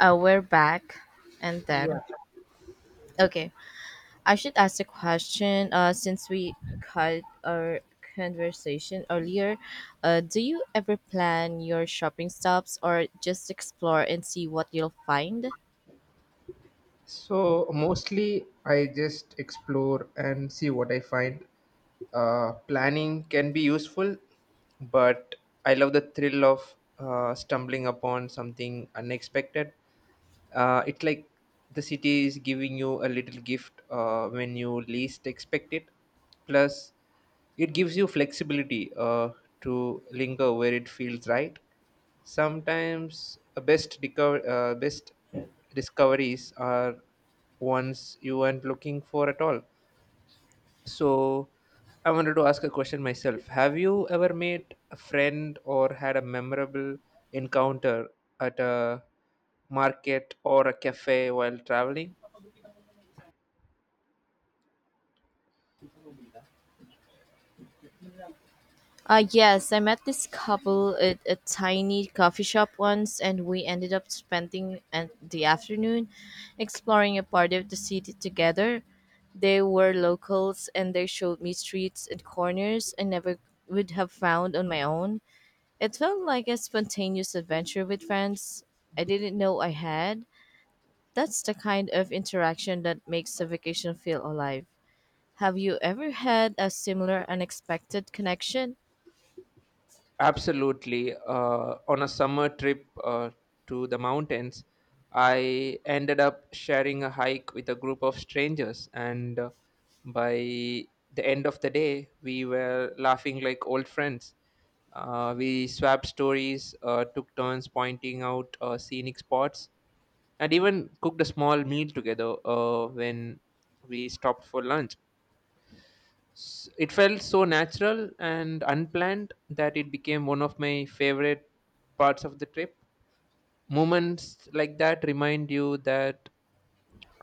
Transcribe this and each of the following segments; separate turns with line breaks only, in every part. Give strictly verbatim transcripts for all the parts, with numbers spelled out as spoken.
Uh, we're back, and
Yeah.
then okay. I should ask a question. Uh, since we cut our conversation earlier, uh, do you ever plan your shopping stops or just explore and see what you'll find?
So mostly I just explore and see what I find. Uh, planning can be useful, but I love the thrill of uh, stumbling upon something unexpected. Uh, it's like the city is giving you a little gift uh, when you least expect it. Plus, it gives you flexibility, uh, to linger where it feels right. Sometimes a best deco- uh, best discoveries are ones you weren't looking for at all. So I wanted to ask a question myself. Have you ever made a friend or had a memorable encounter at a market or a cafe while traveling?
Uh, yes, I met this couple at a tiny coffee shop once, and we ended up spending an- the afternoon exploring a part of the city together. They were locals, and they showed me streets and corners I never would have found on my own. It felt like a spontaneous adventure with friends I didn't know I had. That's the kind of interaction that makes a vacation feel alive. Have you ever had a similar unexpected connection?
Absolutely. Uh, on a summer trip uh, to the mountains, I ended up sharing a hike with a group of strangers, and uh, by the end of the day, we were laughing like old friends. Uh, we swapped stories, uh, took turns pointing out uh, scenic spots, and even cooked a small meal together uh, when we stopped for lunch. S- It felt so natural and unplanned that it became one of my favorite parts of the trip. Moments like that remind you that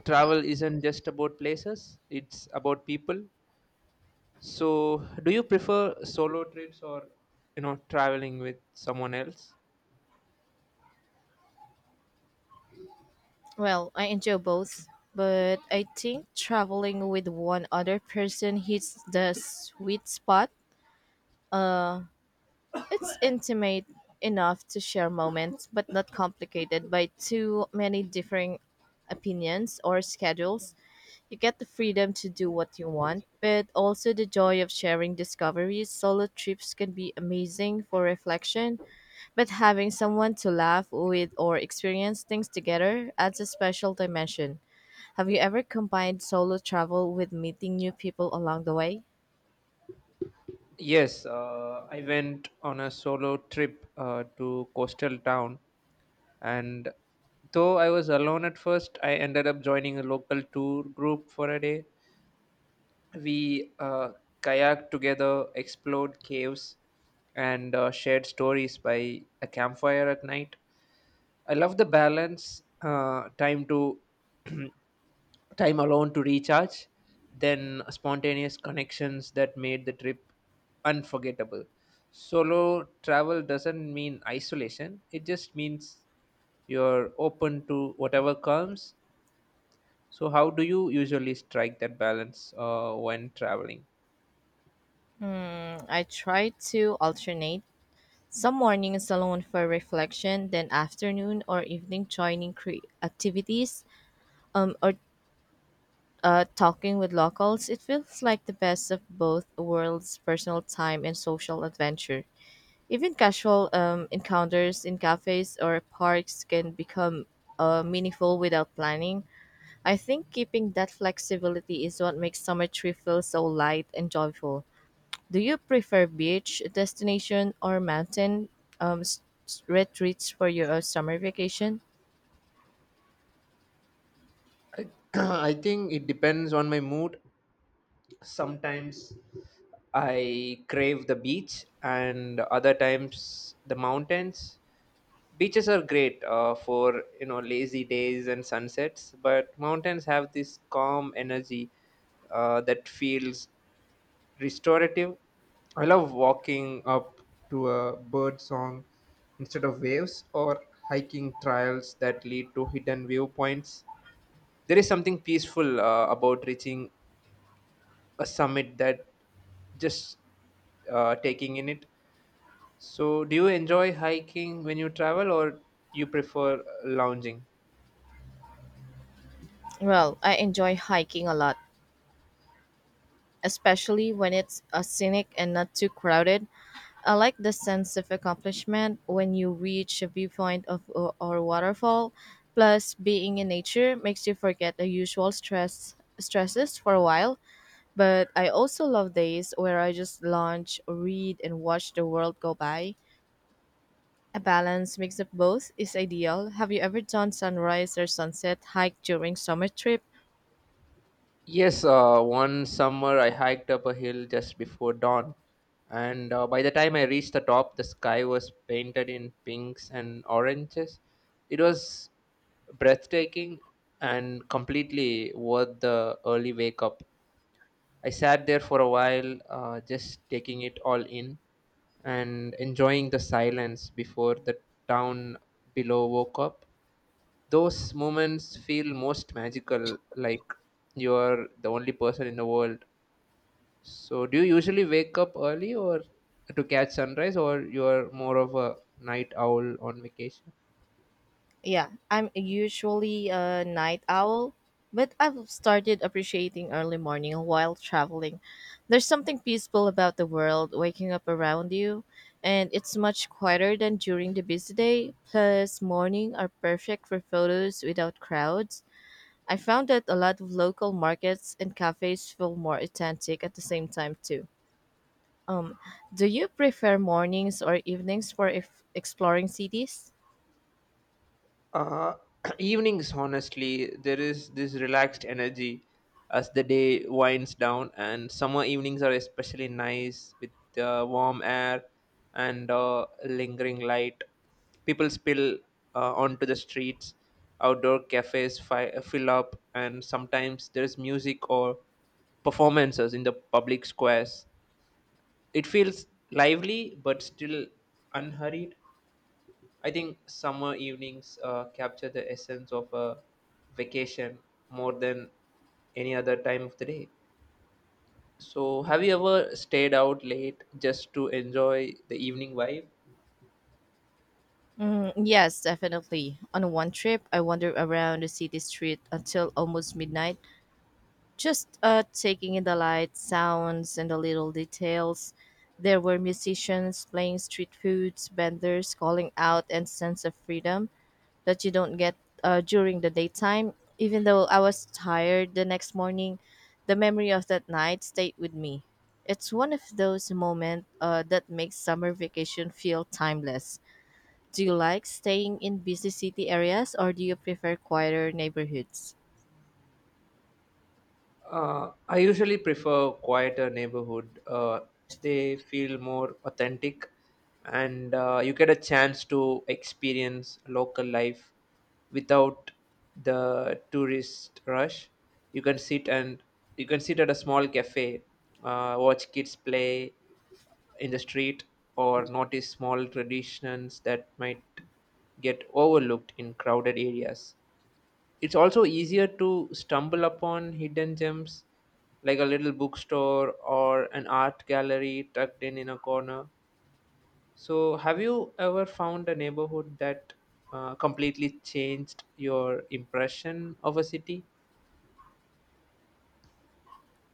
travel isn't just about places, it's about people. So, do you prefer solo trips or you know traveling with someone else?
Well, I enjoy both, but I think traveling with one other person hits the sweet spot. Uh, it's intimate enough to share moments, but not complicated by too many differing opinions or schedules. You get the freedom to do what you want, but also the joy of sharing discoveries. Solo trips can be amazing for reflection, but having someone to laugh with or experience things together adds a special dimension. Have you ever combined solo travel with meeting new people along the way?
Yes, uh, I went on a solo trip uh, to coastal town, and though I was alone at first, I ended up joining a local tour group for a day. We uh, kayaked together, explored caves, and uh, shared stories by a campfire at night. I love the balance, uh, time to time alone to recharge, then spontaneous connections that made the trip unforgettable. Solo travel doesn't mean isolation; it just means you're open to whatever comes. So, how do you usually strike that balance uh, when traveling?
Mm, I try to alternate. Some mornings alone for reflection, then afternoon or evening joining cre- activities, um, or uh, talking with locals. It feels like the best of both worlds, personal time and social adventure. Even casual um, encounters in cafes or parks can become uh, meaningful without planning. I think keeping that flexibility is what makes summer trip feel so light and joyful. Do you prefer beach destination or mountain um, s- s- retreats for your uh, summer vacation?
I, I think it depends on my mood. Sometimes I crave the beach, and other times the mountains. Beaches are great uh, for you know lazy days and sunsets, but mountains have this calm energy uh, that feels restorative. I love walking up to a bird song instead of waves, or hiking trails that lead to hidden viewpoints. There is something peaceful uh, about reaching a summit that just uh, taking in it. So do you enjoy hiking when you travel or you prefer lounging?
Well, I enjoy hiking a lot, especially when it's uh, scenic and not too crowded. I like the sense of accomplishment when you reach a viewpoint of or, or waterfall. Plus, being in nature makes you forget the usual stress stresses for a while. But I also love days where I just lounge, read, and watch the world go by. A balanced mix of both is ideal. Have you ever done sunrise or sunset hike during summer trip?
Yes, uh, one summer I hiked up a hill just before dawn, and uh, by the time I reached the top, the sky was painted in pinks and oranges. It was breathtaking and completely worth the early wake up. I sat there for a while, uh, just taking it all in and enjoying the silence before the town below woke up. Those moments feel most magical, like you're the only person in the world. So, do you usually wake up early or to catch sunrise, or you're more of a night owl on vacation?
Yeah, I'm usually a night owl, but I've started appreciating early morning while traveling. There's something peaceful about the world waking up around you, and it's much quieter than during the busy day. Plus, morning are perfect for photos without crowds. I found that a lot of local markets and cafes feel more authentic at the same time too. Do you prefer mornings or evenings for if exploring cities?
Uh, evenings, honestly, there is this relaxed energy as the day winds down, and summer evenings are especially nice with the warm air and uh, lingering light. People spill uh, onto the streets, outdoor cafes fi- fill up, and sometimes there is music or performances in the public squares. It feels lively but still unhurried. I think summer evenings uh, capture the essence of a vacation more than any other time of the day. So, have you ever stayed out late just to enjoy the evening vibe?
Mm, yes, definitely. On one trip, I wandered around the city street until almost midnight, just uh, taking in the lights, sounds, and the little details. There were musicians playing street foods, vendors calling out, and sense of freedom that you don't get uh, during the daytime. Even though I was tired the next morning, the memory of that night stayed with me. It's one of those moments uh, that makes summer vacation feel timeless. Do you like staying in busy city areas or do you prefer quieter neighborhoods?
Uh, I usually prefer quieter neighborhood. Uh, they feel more authentic, and uh, you get a chance to experience local life without the tourist rush. You can sit and you can sit at a small cafe, uh, watch kids play in the street, or notice small traditions that might get overlooked in crowded areas. It's also easier to stumble upon hidden gems like a little bookstore or an art gallery tucked in in a corner. So, have you ever found a neighborhood that uh, completely changed your impression of a city?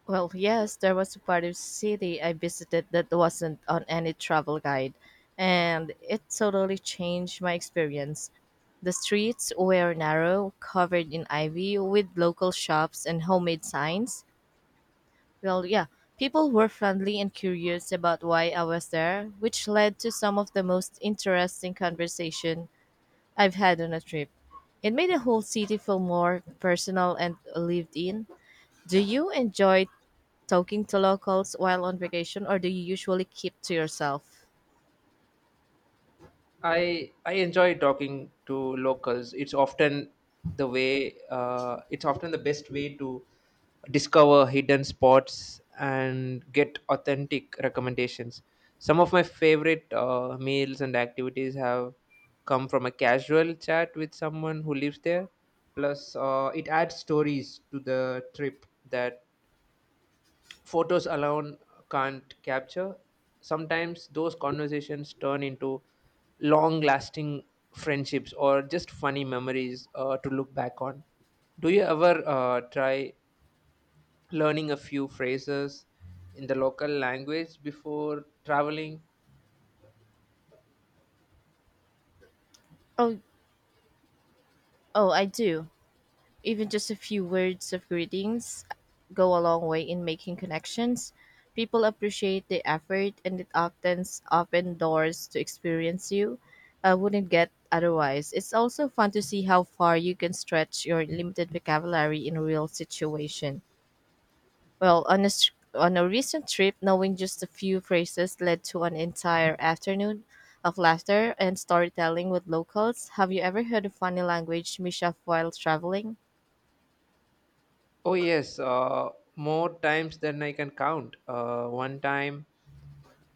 Well, yes, there was a part of city I visited that wasn't on any travel guide, and it totally changed my experience. The streets were narrow, covered in ivy, with local shops and homemade signs. Well, yeah, people were friendly and curious about why I was there, which led to some of the most interesting conversation I've had on a trip. It made the whole city feel more personal and lived in. Do you enjoy talking to locals while on vacation, or do you usually keep to yourself?
I I enjoy talking to locals. It's often the way uh, it's often the best way to discover hidden spots and get authentic recommendations. Some of my favorite uh, meals and activities have come from a casual chat with someone who lives there. Plus, uh, it adds stories to the trip that photos alone can't capture. Sometimes those conversations turn into long lasting friendships or just funny memories uh, to look back on. Do you ever uh, try learning a few phrases in the local language before traveling?
Oh, oh, I do. Even just a few words of greetings go a long way in making connections. People appreciate the effort, and it often opens doors to experience you I wouldn't get otherwise. It's also fun to see how far you can stretch your limited vocabulary in a real situation. Well, on a, s- on a recent trip, knowing just a few phrases led to an entire afternoon of laughter and storytelling with locals. Have you ever heard a funny language mishap while traveling?
Oh, yes, uh, more times than I can count. Uh, one time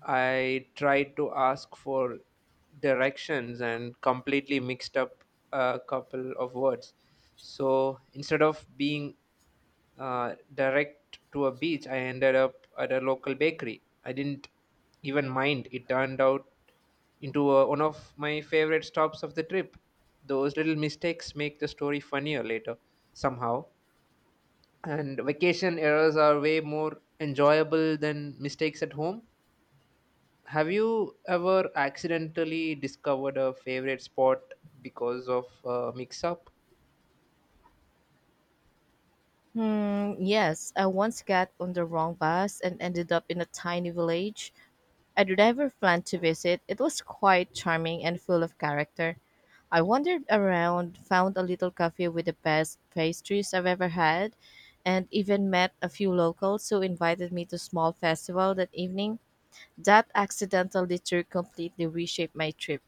I tried to ask for directions and completely mixed up a couple of words. So instead of being uh, direct to a beach, I ended up at a local bakery. I didn't even mind. It turned out into uh one of my favorite stops of the trip. Those little mistakes make the story funnier later, somehow. And vacation errors are way more enjoyable than mistakes at home. Have you ever accidentally discovered a favorite spot because of a mix up?
Mm, yes, I once got on the wrong bus and ended up in a tiny village I'd never planned to visit. It was quite charming and full of character. I wandered around, found a little cafe with the best pastries I've ever had, and even met a few locals who invited me to a small festival that evening. That accidental detour completely reshaped my trip.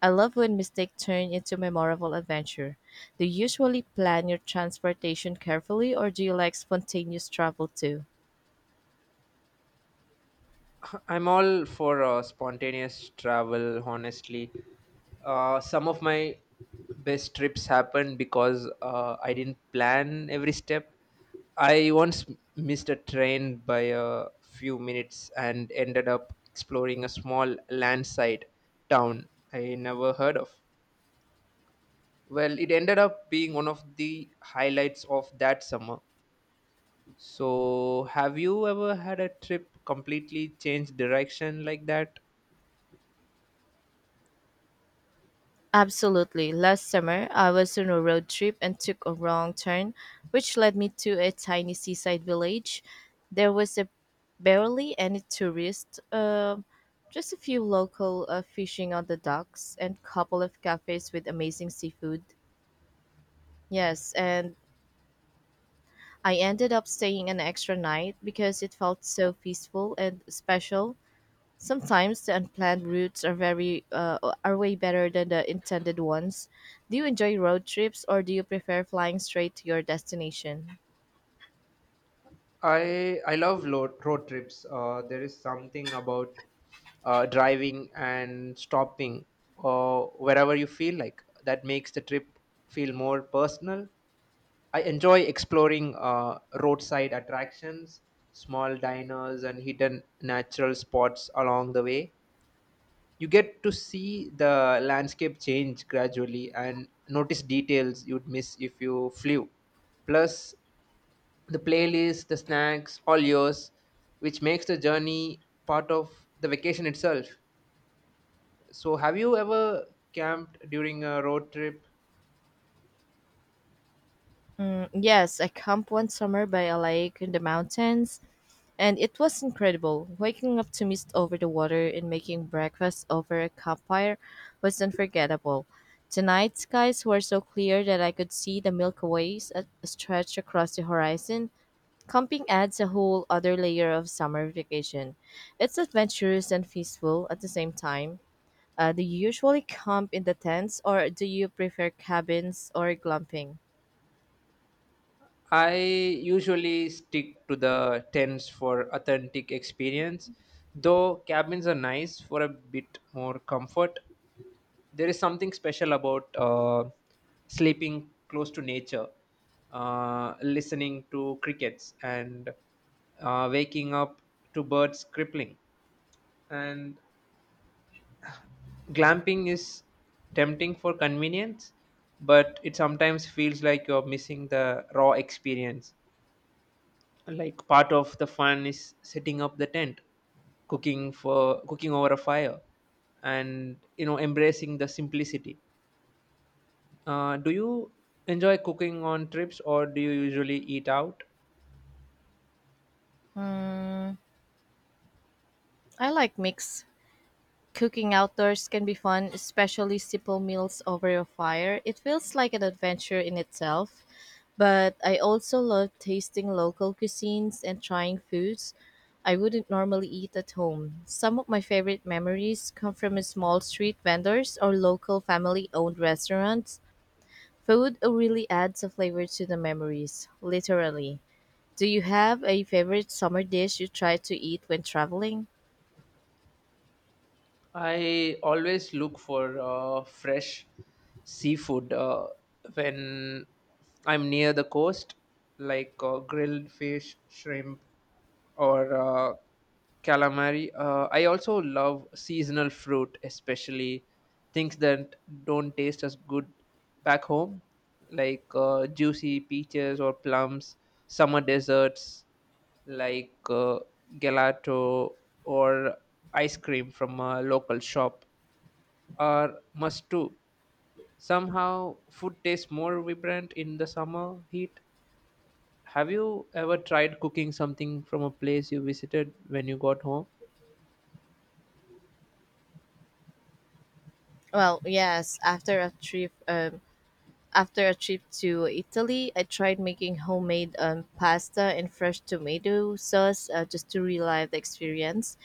I love when mistakes turn into memorable adventure. Do you usually plan your transportation carefully or do you like spontaneous travel too?
I'm all for uh, spontaneous travel, honestly. Uh, some of my best trips happened because uh, I didn't plan every step. I once m- missed a train by a few minutes and ended up exploring a small landside town I never heard of. Well, it ended up being one of the highlights of that summer. So, have you ever had a trip completely change direction like that?
Absolutely. Last summer, I was on a road trip and took a wrong turn, which led me to a tiny seaside village. There was a barely any tourists, um, just a few local uh, fishing on the docks and couple of cafes with amazing seafood. Yes, and I ended up staying an extra night because it felt so peaceful and special. Sometimes the unplanned routes are very uh, are way better than the intended ones. Do you enjoy road trips or do you prefer flying straight to your destination?
I I love lo- road trips. Uh, there is something about uh, driving and stopping uh, wherever you feel like that makes the trip feel more personal. I enjoy exploring uh, roadside attractions, small diners, and hidden natural spots along the way. You get to see the landscape change gradually and notice details you'd miss if you flew. Plus, the playlist, the snacks, all yours, which makes the journey part of the vacation itself. So, have you ever camped during a road trip?
Mm, yes, I camped one summer by a lake in the mountains and it was incredible. Waking up to mist over the water and making breakfast over a campfire was unforgettable. The night skies were so clear that I could see the Milky Ways at- stretched across the horizon. Camping adds a whole other layer of summer vacation. It's adventurous and peaceful at the same time. Uh, do you usually camp in the tents or do you prefer cabins or glamping?
I usually stick to the tents for authentic experience, though cabins are nice for a bit more comfort. There is something special about uh, sleeping close to nature, uh, listening to crickets, and uh, waking up to birds crippling. And glamping is tempting for convenience, but it sometimes feels like you're missing the raw experience. Like part of the fun is setting up the tent, cooking for cooking over a fire, and you know embracing the simplicity. Uh, do you enjoy cooking on trips or do you usually eat out?
I like mix. Cooking outdoors can be fun, especially simple meals over a fire. It feels like an adventure in itself. But I also love tasting local cuisines and trying foods I wouldn't normally eat at home. Some of my favorite memories come from a small street vendors or local family owned restaurants. Food really adds a flavor to the memories, literally. Do you have a favorite summer dish you try to eat when traveling?
I always look for uh, fresh seafood uh, when I'm near the coast, like uh, grilled fish, shrimp, or uh, calamari. Uh, I also love seasonal fruit, especially things that don't taste as good back home, like uh, juicy peaches or plums. Summer desserts like uh, gelato or ice cream from a local shop are must too. Somehow, food tastes more vibrant in the summer heat. Have you ever tried cooking something from a place you visited when you got home?
Well, yes, after a trip, um, after a trip to Italy, I tried making homemade um, pasta and fresh tomato sauce uh, just to relive the experience.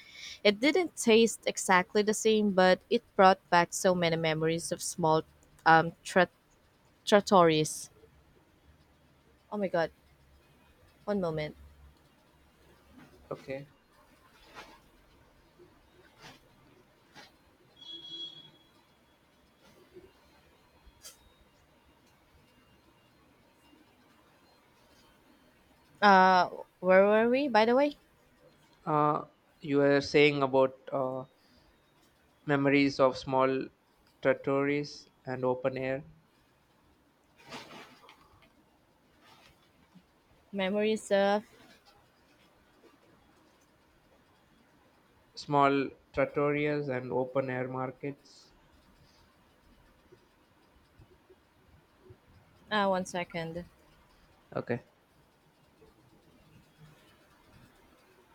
It didn't taste exactly the same, but it brought back so many memories of small um, tra- trattorias. Oh my god, one moment.
Okay.
Uh, where were we, by the way?
Uh, you were saying about uh, memories of small trattorias and open air,
Memories of.
small trattorias and open air markets.
Uh, one second.
Okay.